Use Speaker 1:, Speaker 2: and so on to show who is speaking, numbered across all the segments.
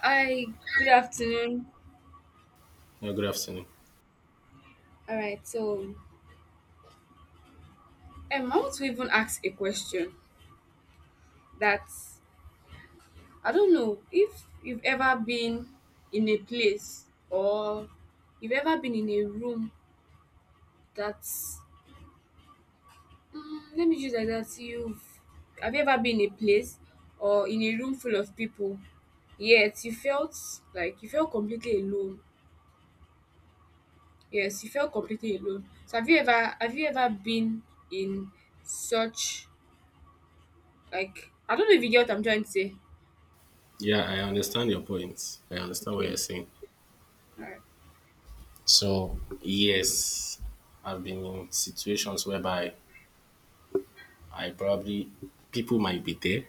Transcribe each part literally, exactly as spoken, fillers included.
Speaker 1: Hi, good afternoon.
Speaker 2: Yeah, good afternoon.
Speaker 1: All right, so um, I want to even ask a question that I don't know if you've ever been in a place or you've ever been in a room that's mm, let me just like that you've Have you ever been in a place or in a room full of people yet you felt like you felt completely alone? Yes, you felt completely alone. So have you ever have you ever been in such Like, I don't know if you get what I'm trying to say.
Speaker 2: Yeah, I understand your point. I understand what
Speaker 1: Okay.
Speaker 2: you're saying.
Speaker 1: All right.
Speaker 2: So, yes, I've been in situations whereby I probably, people might be there,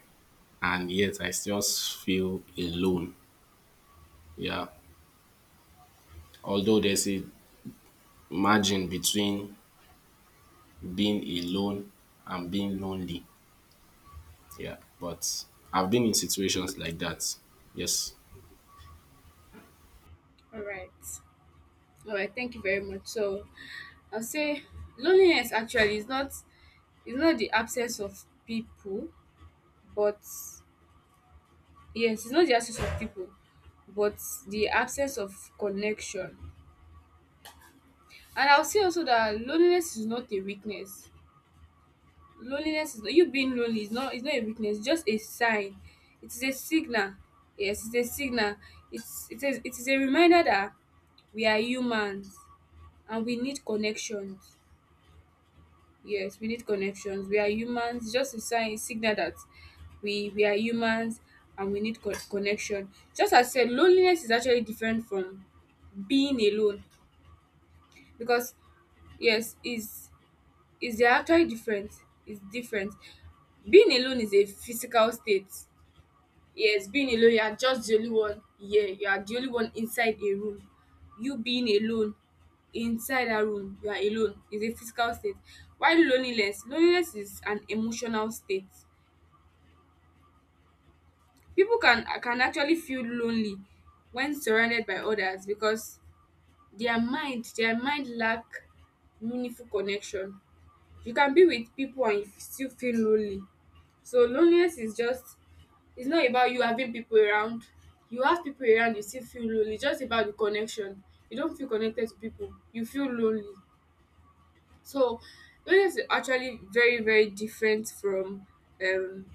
Speaker 2: and yet I still feel alone. Yeah. Although there's a margin between being alone and being lonely. Yeah. But I've been in situations like that. Yes.
Speaker 1: All right. All right, thank you very much. So I'll say loneliness actually is not is not the absence of people, but yes, it's not the absence of people, but the absence of connection. And I'll say also that loneliness is not a weakness. Loneliness is not, you being lonely is not is not a weakness. It's just a sign. It is a signal. Yes, it's a signal. It's it is it is a reminder that we are humans and we need connections. Yes, we need connections. We are humans. Just a sign, signal that we we are humans and we need co- connection. Just as I said, loneliness is actually different from being alone because yes, is is they're actually different. It's different. Being alone is a physical state. Yes, being alone, you are just the only one. Yeah, you are the only one inside a room. You being alone inside a room, you are alone, is a physical state. While loneliness, loneliness is an emotional state. People can can actually feel lonely when surrounded by others because their mind, their mind lack meaningful connection. You can be with people and you still feel lonely. So loneliness is just, it's not about you having people around. You have people around, you still feel lonely. It's just about the connection. You don't feel connected to people. You feel lonely. So loneliness is actually very, very different from um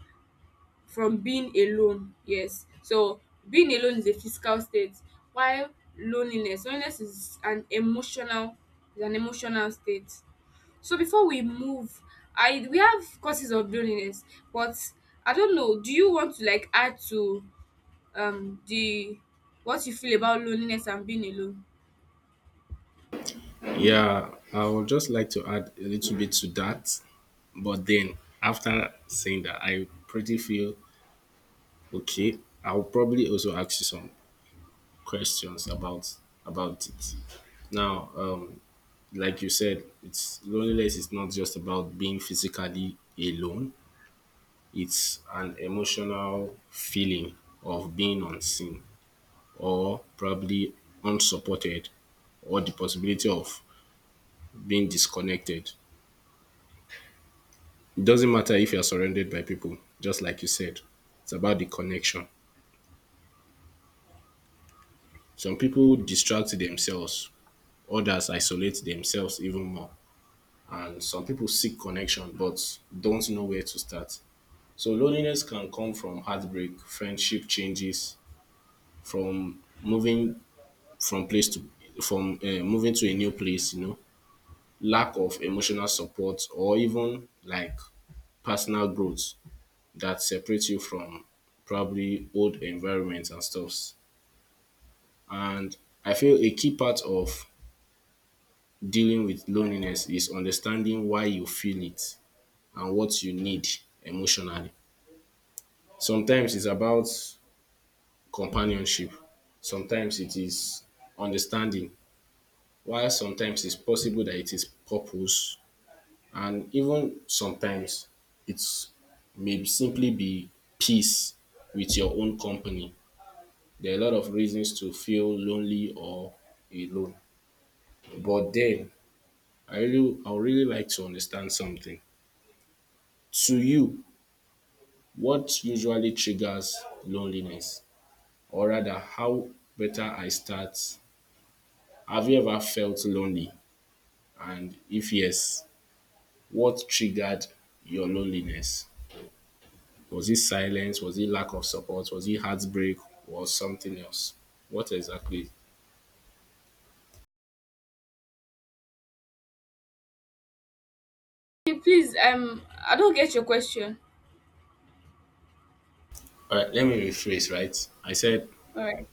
Speaker 1: from being alone. Yes. So being alone is a physical state, while loneliness, loneliness is an emotional, is an emotional state. So before we move, I we have causes of loneliness, but I don't know. Do you want to like add to um the what you feel about loneliness and being alone?
Speaker 2: Yeah, I would just like to add a little bit to that. But then after saying that, I pretty feel okay. I'll probably also ask you some questions about about it. Now, um, like you said, it's loneliness is not just about being physically alone. It's an emotional feeling of being unseen or probably unsupported or the possibility of being disconnected. It doesn't matter if you're surrounded by people, just like you said. It's about the connection. Some people distract themselves, others isolate themselves even more. And some people seek connection but don't know where to start. So loneliness can come from heartbreak, friendship changes, from moving from place to from uh, moving to a new place, you know, lack of emotional support or even like personal growth that separates you from probably old environments and stuffs. And I feel a key part of dealing with loneliness is understanding why you feel it and what you need emotionally. Sometimes it's about companionship, sometimes it is understanding, while sometimes it's possible that it is purpose, and even sometimes it's may simply be peace with your own company. There are a lot of reasons to feel lonely or alone. But then I really I would really like to understand something. To you, what usually triggers loneliness? Or rather, how better I start? Have you ever felt lonely? And if yes, what triggered your loneliness? Was it silence? Was it lack of support? Was it heartbreak or something else? What exactly?
Speaker 1: Okay, Please, um, I don't get your question.
Speaker 2: All right, let me rephrase, right? I said,
Speaker 1: All right.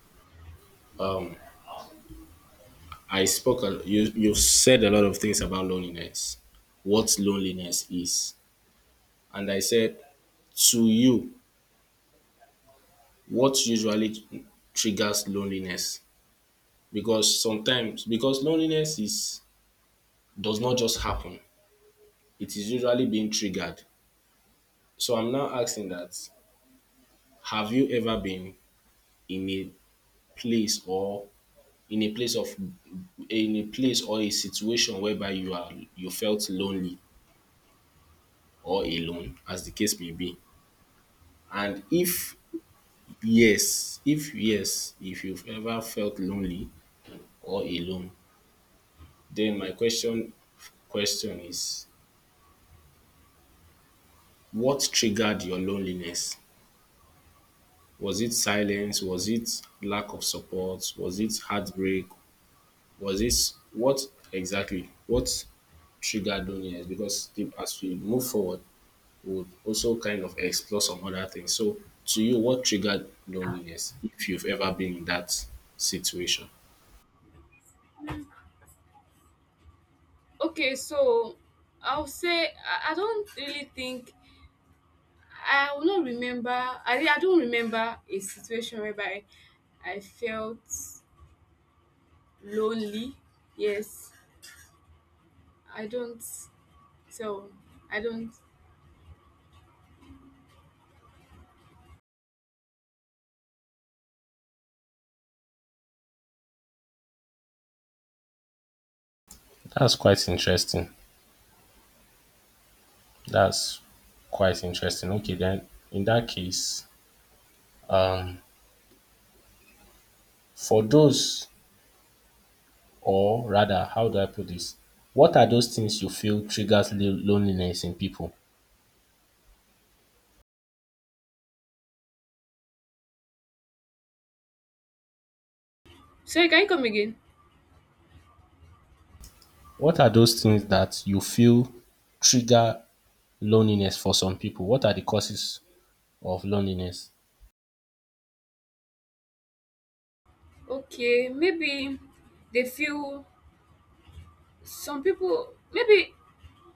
Speaker 2: I spoke. a- You you said a lot of things about loneliness, what loneliness is, and I said to you what usually triggers loneliness because sometimes because loneliness is does not just happen. It is usually being triggered. So I'm now asking that: Have you ever been in a place or in a place of in a place or a situation whereby you are you felt lonely or alone, as the case may be, and if Yes, if yes, if you've ever felt lonely or alone, then my question question is what triggered your loneliness? Was it silence? Was it lack of support? Was it heartbreak? Was it what exactly? What triggered loneliness? Because the- as we move forward, we'll also kind of explore some other things. So to you, what triggered loneliness if you've ever been in that situation?
Speaker 1: Okay, so I'll say I, I don't really think I will not remember. I re- I don't remember a situation whereby I felt lonely. Yes, I don't. So I don't.
Speaker 2: That's quite interesting. That's quite interesting. Okay, then in that case, um, for those, or rather, how do I put this? What are those things you feel triggers lo- loneliness in people?
Speaker 1: Sorry, can you come again?
Speaker 2: What are those things that you feel trigger loneliness for some people? What are the causes of loneliness?
Speaker 1: Okay, maybe they feel some people. Maybe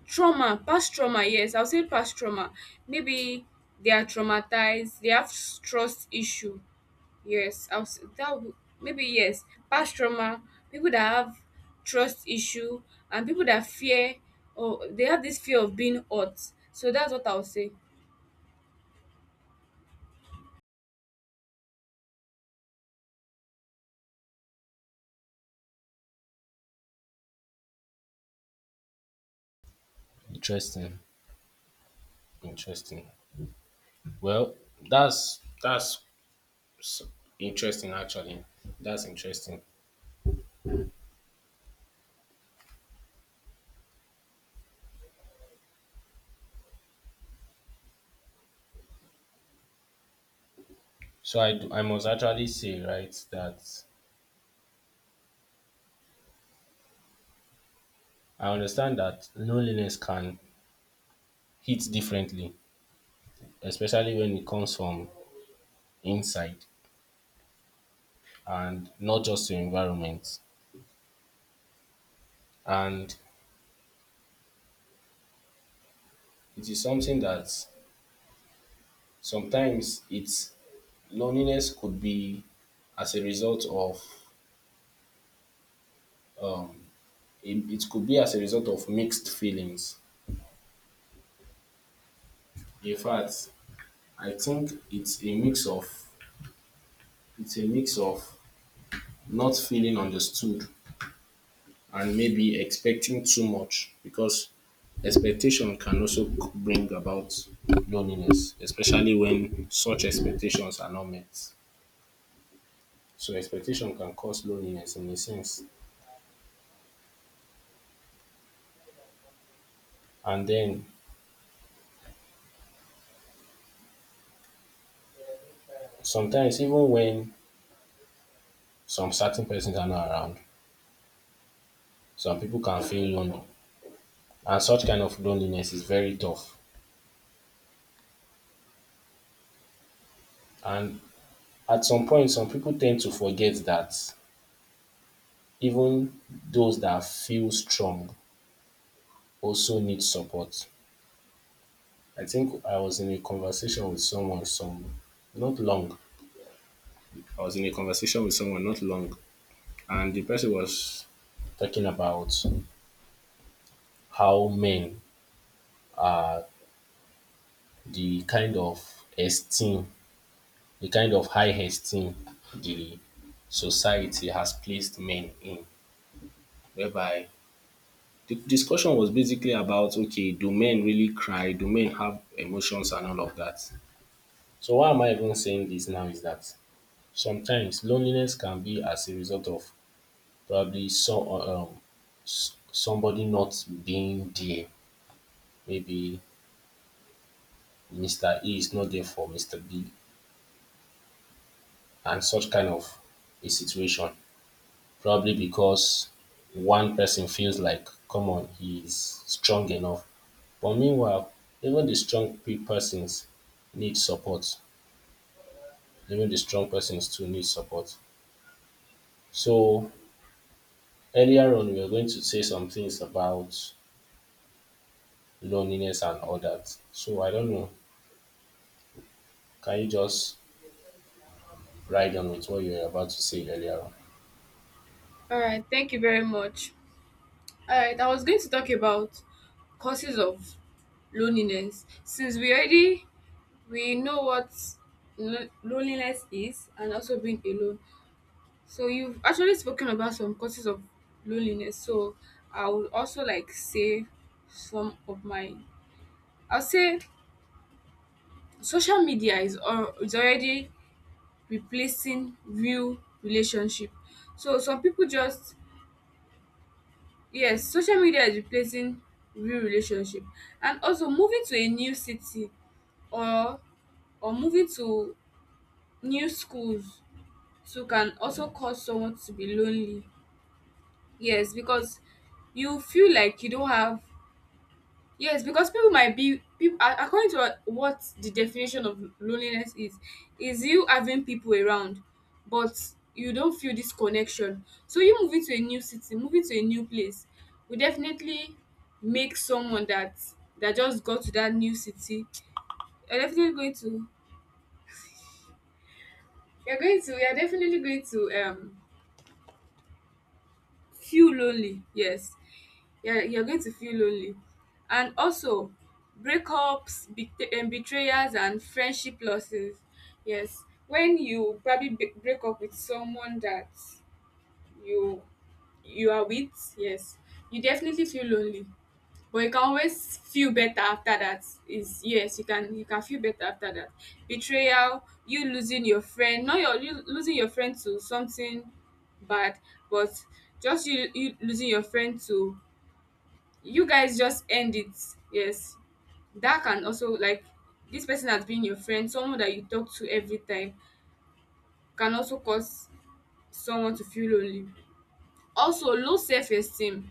Speaker 1: trauma past trauma, yes, I would say past trauma, maybe they are traumatized, they have s- trust issue. Yes, I would say that would, maybe, yes, past trauma, people that have trust issue, and people that fear or they have this fear of being hurt. So that's what I would say.
Speaker 2: Interesting, interesting. Well, that's that's s- interesting actually. That's interesting. So I do, I must actually say right that I understand that loneliness can hit differently, especially when it comes from inside and not just your environment. And it is something that sometimes it's loneliness could be as a result of it, it could be as a result of mixed feelings. In fact, I think it's a mix of it's a mix of not feeling understood and maybe expecting too much because expectation can also c- bring about loneliness, especially when such expectations are not met. So expectation can cause loneliness in a sense. And then sometimes even when some certain persons are not around, some people can feel lonely. And such kind of loneliness is very tough. And at some point some people tend to forget that even those that feel strong also need support. I think I was in a conversation with someone some not long. I was in a conversation with someone not long, and the person was talking about how men, the kind of esteem, the kind of high esteem the society has placed men in, whereby the discussion was basically about okay, do men really cry? Do men have emotions and all of that? So, why am I even saying this now is that sometimes loneliness can be as a result of probably so um somebody not being there. Maybe Mister A is not there for Mister B and such kind of a situation. Probably because one person feels like, come on, he's strong enough. But meanwhile, even the strong pe- persons need support. Even the strong persons too need support. So earlier on, we were going to say some things about loneliness and all that. So I don't know. Can you just right on with what you were about to say earlier on.
Speaker 1: All right, thank you very much. All right, I was going to talk about causes of loneliness since we already, we know what lo- loneliness is and also being alone. So you've actually spoken about some causes of loneliness. So I would also like say some of my, I'll say social media is, al- is already replacing real relationship. So some people just, yes, social media is replacing real relationship. And also moving to a new city or or moving to new schools too can also cause someone to be lonely. Yes, because you feel like you don't have, yes, because people might be people according to what what the definition of loneliness is, is you having people around, but you don't feel this connection. So you moving to a new city, moving to a new place, will definitely make someone that that just got to that new city. You're definitely going to, you're going to you're definitely going to um feel lonely. Yes, you're, you're going to feel lonely. And also breakups, bet- um, betrayals and friendship losses, yes, when you probably b- break up with someone that you you are with, yes, you definitely feel lonely, but you can always feel better after that is, yes, you can, you can feel better after that. Betrayal, you losing your friend, not your, you losing your friend to something bad, but just you, you losing your friend to, you guys just end it, yes, that can also like, this person has been your friend, someone that you talk to every time, can also cause someone to feel lonely. Also low self-esteem,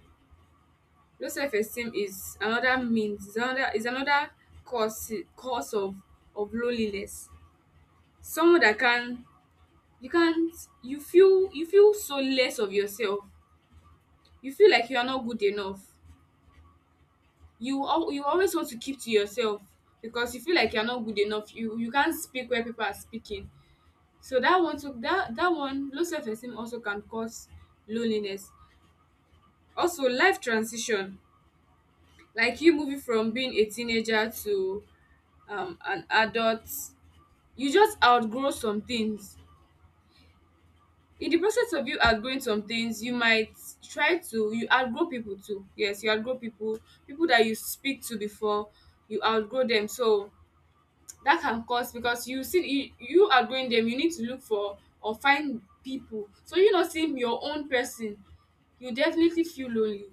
Speaker 1: low self-esteem is another means is another is another cause cause of of loneliness. Someone that can, you can't, you feel you feel so less of yourself, you feel like you are not good enough, you al- you always want to keep to yourself because you feel like you're not good enough, you you can't speak where people are speaking. So that one too, that that one low self-esteem also can cause loneliness. Also life transition, like you moving from being a teenager to um, an adult, you just outgrow some things. In the process of you outgrowing some things you might try to, you outgrow people too, yes, you outgrow people, people that you speak to before, you outgrow them. So that can cause, because you see you, you are outgrowing them, you need to look for or find people, so you not seeing your own person, you definitely feel lonely.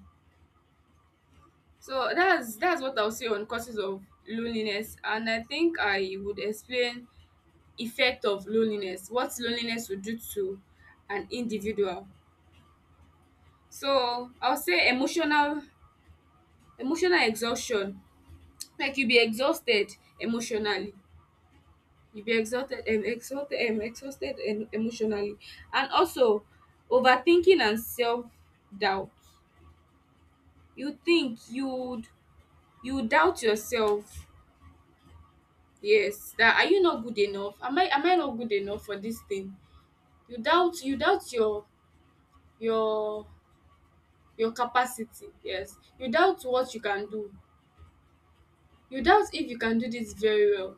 Speaker 1: So that's that's what I'll say on causes of loneliness. And I think I would explain effect of loneliness, what loneliness would do to an individual. So I'll say emotional emotional exhaustion, like you be exhausted emotionally, you'll be exhausted and exhausted and exhausted and emotionally. And also overthinking and self-doubt, you think you'd, you doubt yourself, yes, that are you not good enough, am i am I not good enough for this thing? You doubt you doubt your your your capacity. Yes, you doubt what you can do, you doubt if you can do this very well.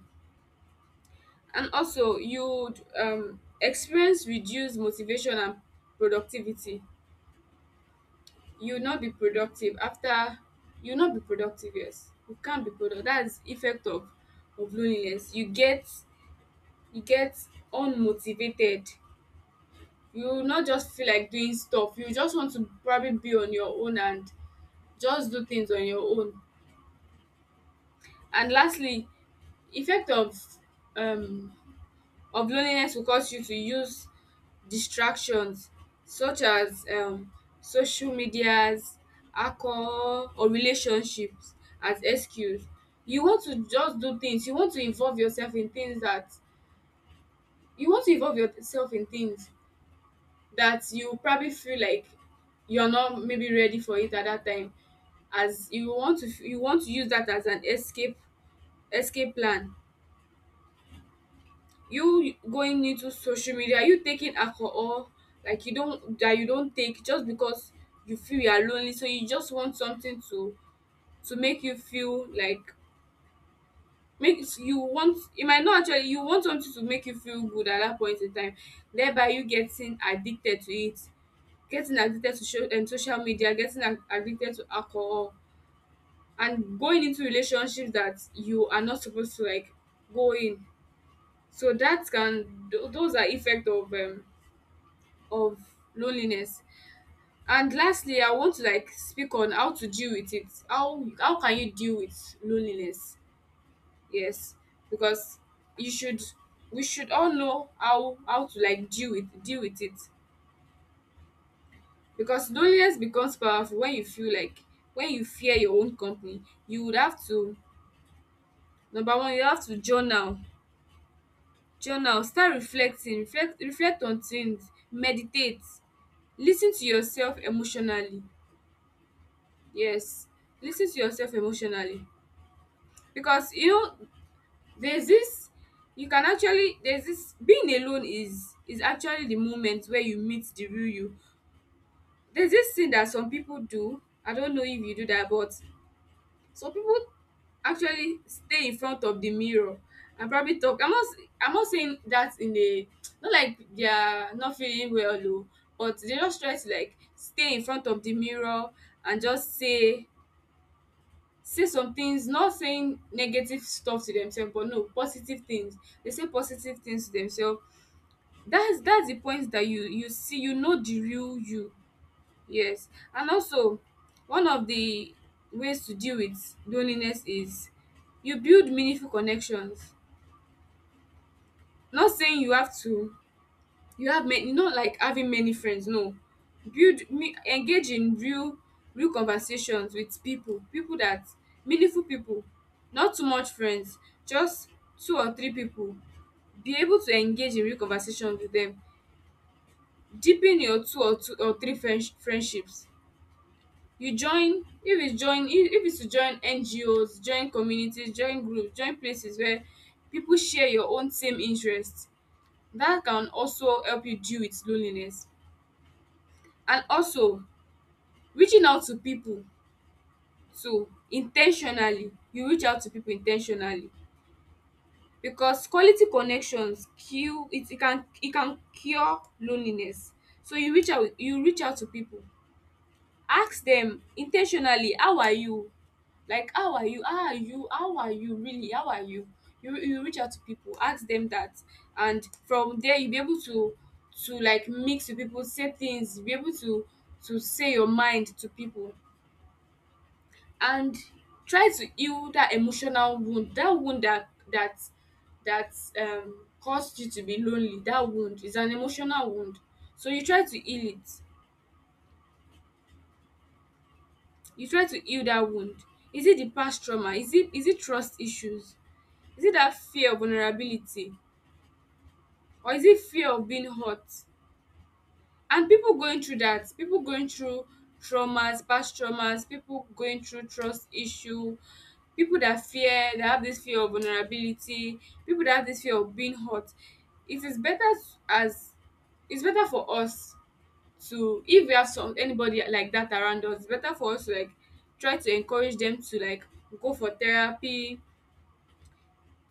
Speaker 1: And also you um experience reduced motivation and productivity. You will not be productive after, you will not be productive, yes, you can't be productive. That's effect of of loneliness. You get you get unmotivated, you will not just feel like doing stuff, you just want to probably be on your own and just do things on your own. And lastly, effect of um of loneliness will cause you to use distractions such as um social medias, alcohol or relationships as excuse. You want to just do things, you want to involve yourself in things that you want to involve yourself in things that you probably feel like you're not maybe ready for it at that time, as you want to, you want to use that as an escape, escape plan. You going into social media, you taking alcohol, like you don't, that you don't take just because you feel you are lonely, so you just want something to to make you feel like, make you want, it might not actually, you want something to make you feel good at that point in time, thereby you getting addicted to it, getting addicted to show, um, social media, getting ad- addicted to alcohol, and going into relationships that you are not supposed to like go in. So that can tho- those are effect of um of loneliness. And lastly, I want to like speak on how to deal with it. How how can you deal with loneliness? Yes, because you should, we should all know how how to like deal with deal with it. Because loneliness becomes powerful when you feel like, when you fear your own company. You would have to, number one, you have to journal. Journal, start reflecting, reflect reflect on things, meditate, lis ten to yourself emotionally. Yes, listen to yourself emotionally, because you know there's this, you can actually, there's this being alone is is actually the moment where you meet the real you. There's this thing that some people do, I don't know if you do that, but some people actually stay in front of the mirror and probably talk. I'm not s- I'm not saying that in a, not like they are not feeling well though, but they just try to like stay in front of the mirror and just say, say some things, not saying negative stuff to themselves, but no positive things, they say positive things to themselves. that's that's the point that you you see, you know the real you. Yes. And also one of the ways to deal with loneliness is you build meaningful connections. Not saying you have to, you have many, not like having many friends, no. build me Engage in real, real conversations with people, people that, meaningful people, not too much friends, just two or three people, be able to engage in real conversations with them, deepen your two or two or three friends friendships. You join, if it's join if if it's to join ngos, join communities, join groups, join places where people share your own same interests. That can also help you deal with loneliness. And also reaching out to people too intentionally, you reach out to people intentionally, because quality connections cure it, it can it can cure loneliness. So you reach out you reach out to people, ask them intentionally. How are you? Like how are you? How are you? How are you really? How are you? You you reach out to people, ask them that, and from there you be able to to like mix with people, say things, be able to to say your mind to people. And try to heal that emotional wound, that wound that that that um caused you to be lonely. That wound is an emotional wound, so you try to heal it, you try to heal that wound. Is it the past trauma? Is it is it trust issues? Is it that fear of vulnerability? Or is it fear of being hurt? And people going through that, people going through traumas past traumas, people going through trust issue, people that fear that have this fear of vulnerability, people that have this fear of being hurt. It is better, s- as it's better for us to, if we have some anybody like that around us, it's better for us to like try to encourage them to like go for therapy,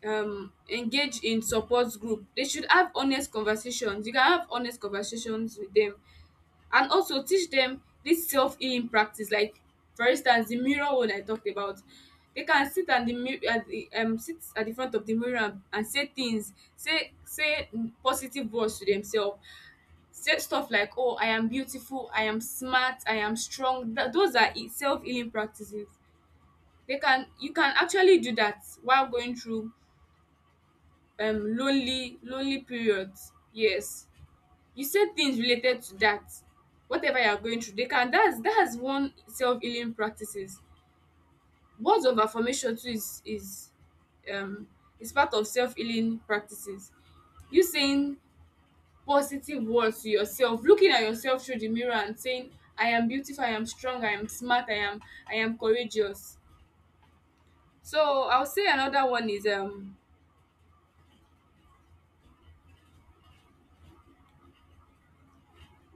Speaker 1: um engage in support group, they should have honest conversations, you can have honest conversations with them. And also teach them this self healing practice, like for instance the mirror one I talked about. They can sit at the mi- at the um sit at the front of the mirror and, and say things, say say mm, positive words to themselves, say stuff like oh I am beautiful, I am smart, I am strong. Tha- those are self healing practices. They can, you can actually do that while going through um lonely, lonely periods. Yes, you said things related to that, whatever you are going through they can, that's that's one self-healing practices. Words of affirmation too is is um is part of self-healing practices. You saying positive words to yourself, looking at yourself through the mirror and saying I am beautiful, I am strong, I am smart, i am I am courageous. So I'll say another one is um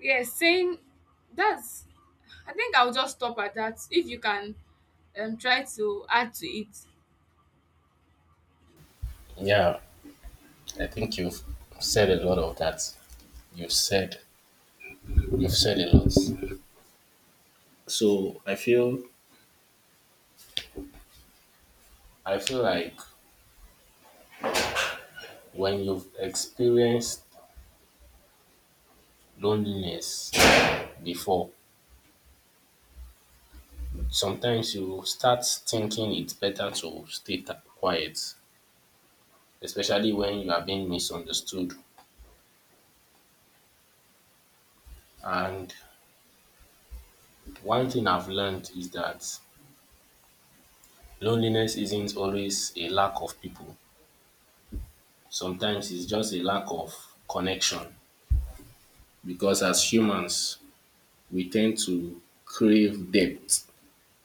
Speaker 1: yeah saying that's, I think I'll just stop at that. If you can um try to add to it.
Speaker 2: Yeah, I think you've said a lot of that. You've said you've said a lot. So I feel I feel like when you've experienced loneliness before, sometimes you start thinking it's better to stay t- quiet, especially when you are being misunderstood. And one thing I've learned is that loneliness isn't always a lack of people. Sometimes it's just a lack of connection because as humans, we tend to crave depth,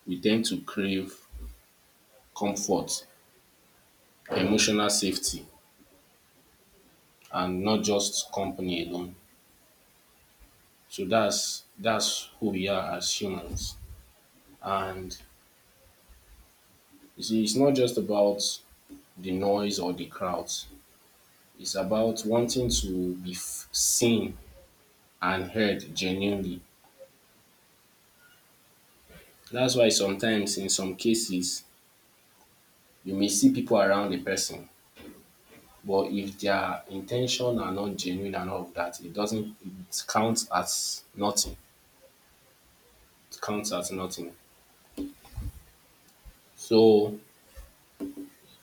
Speaker 2: we tend to crave comfort, emotional safety, and not just company alone. So that's that's who we are as humans. And you see, it's not just about the noise or the crowds. It's about wanting to be f- seen and heard genuinely. That's why sometimes, in some cases, you may see people around a person, but if their intention are not genuine and all of that, it doesn't it counts as nothing. It counts as nothing. So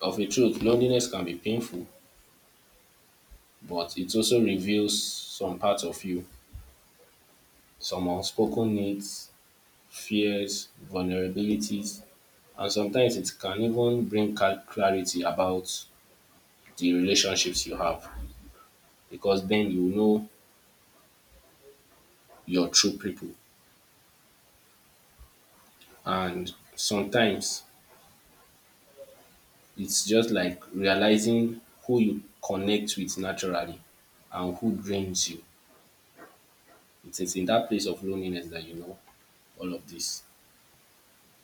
Speaker 2: of a truth, loneliness can be painful, but it also reveals some parts of you, some unspoken needs, fears, vulnerabilities, and sometimes it can even bring cal- clarity about the relationships you have because then you know your true people. And sometimes it's just like realizing who you connect with naturally and who drains you. It is in that place of loneliness that you know all of this.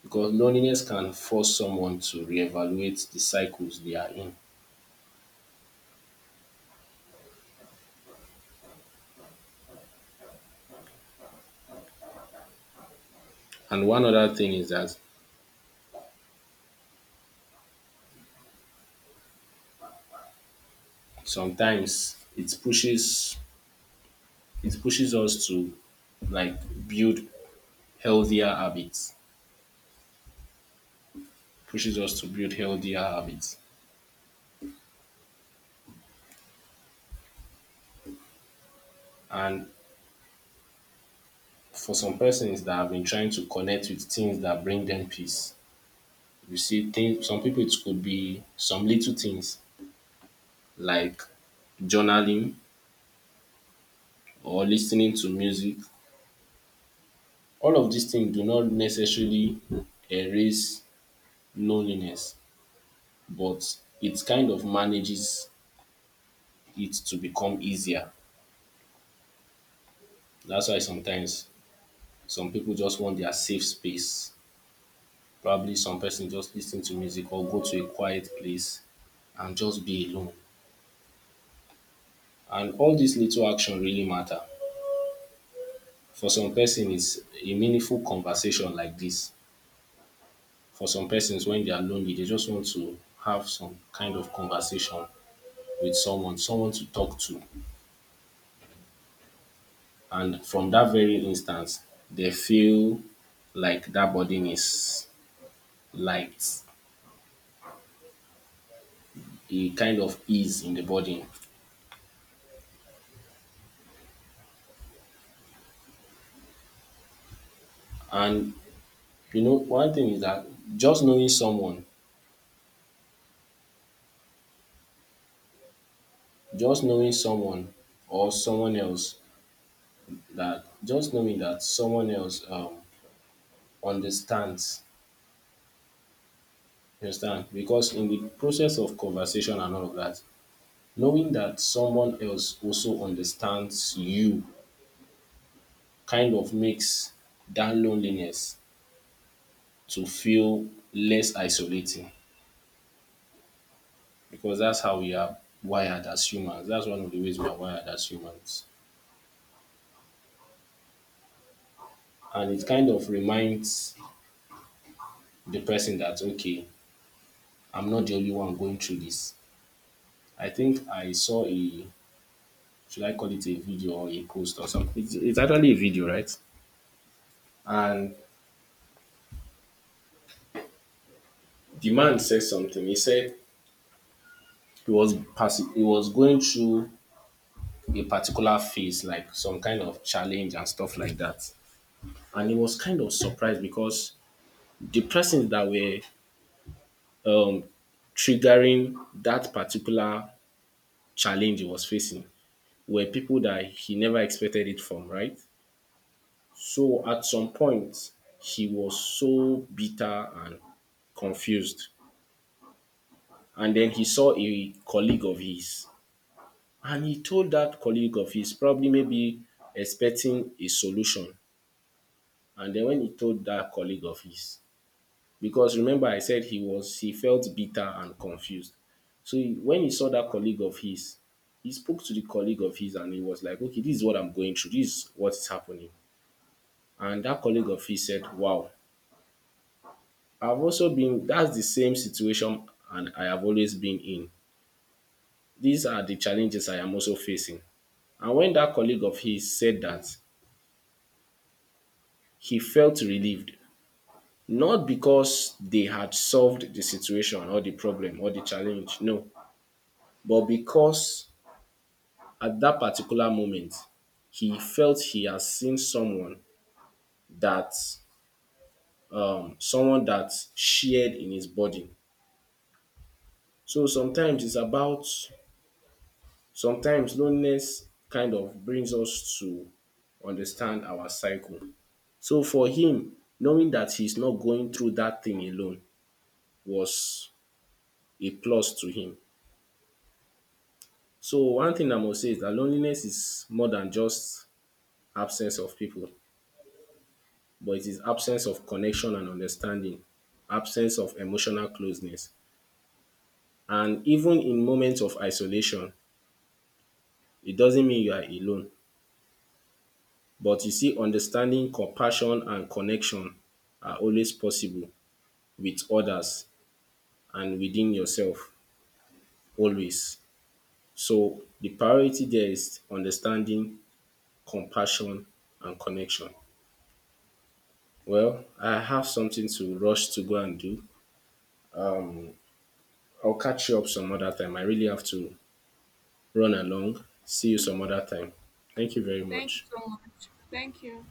Speaker 2: Because loneliness can force someone to reevaluate the cycles they are in. And one other thing is that sometimes it pushes it pushes us to like build healthier habits. Pushes us to build healthier habits. And for some persons that have been trying to connect with things that bring them peace, you see, things, some people it could be some little things like journaling or listening to music. All of these things do not necessarily erase loneliness, but it kind of manages it to become easier. That's why sometimes some people just want their safe space. Probably some person just listen to music or go to a quiet place and just be alone. And all these little action really matter. For some person it's a meaningful conversation like this. For some persons when they are lonely they just want to have some kind of conversation with someone, someone to talk to, and from that very instance they feel like that burden is light, a kind of ease in the burden. And you know one thing is that just knowing someone, just knowing someone or someone else that just knowing that someone else um understands. Understand? Because in the process of conversation and all of that, knowing that someone else also understands you kind of makes that loneliness to feel less isolating because that's how we are wired as humans. That's one of the ways we are wired as humans. And it kind of reminds the person that, okay, I'm not the only one going through this. I think I saw a, should I call it a video or a post or something? It's, it's actually a video, right? And the man said something. He said he was passing, he was going through a particular phase, like some kind of challenge and stuff like that. And he was kind of surprised because the persons that were um, triggering that particular challenge he was facing were people that he never expected it from, right? So at some point, he was so bitter and confused. And then he saw a colleague of his. And he told that colleague of his, probably maybe expecting a solution. And then when he told that colleague of his, because remember I said he was he felt bitter and confused. So he, when he saw that colleague of his, he spoke to the colleague of his and he was like, okay, this is what I'm going through. This is what is happening. And that colleague of his said, wow, I've also been, that's the same situation and I have always been in. These are the challenges I am also facing. And when that colleague of his said that, he felt relieved, not because they had solved the situation or the problem or the challenge, no, but because at that particular moment, he felt he has seen someone that um, someone that shared in his burden. So sometimes it's about sometimes loneliness kind of brings us to understand our cycle. So for him, knowing that he's not going through that thing alone was a plus to him. So one thing I must say is that loneliness is more than just absence of people, but it is absence of connection and understanding, absence of emotional closeness. And even in moments of isolation, it doesn't mean you are alone. But you see, understanding, compassion, and connection are always possible with others and within yourself, always. So the priority there is understanding, compassion, and connection. Well, I have something to rush to go and do. I'll catch you up some other time. I really have to run along. See you some other time. Thank you very
Speaker 1: Thank you
Speaker 2: much.
Speaker 1: so much. Thank you.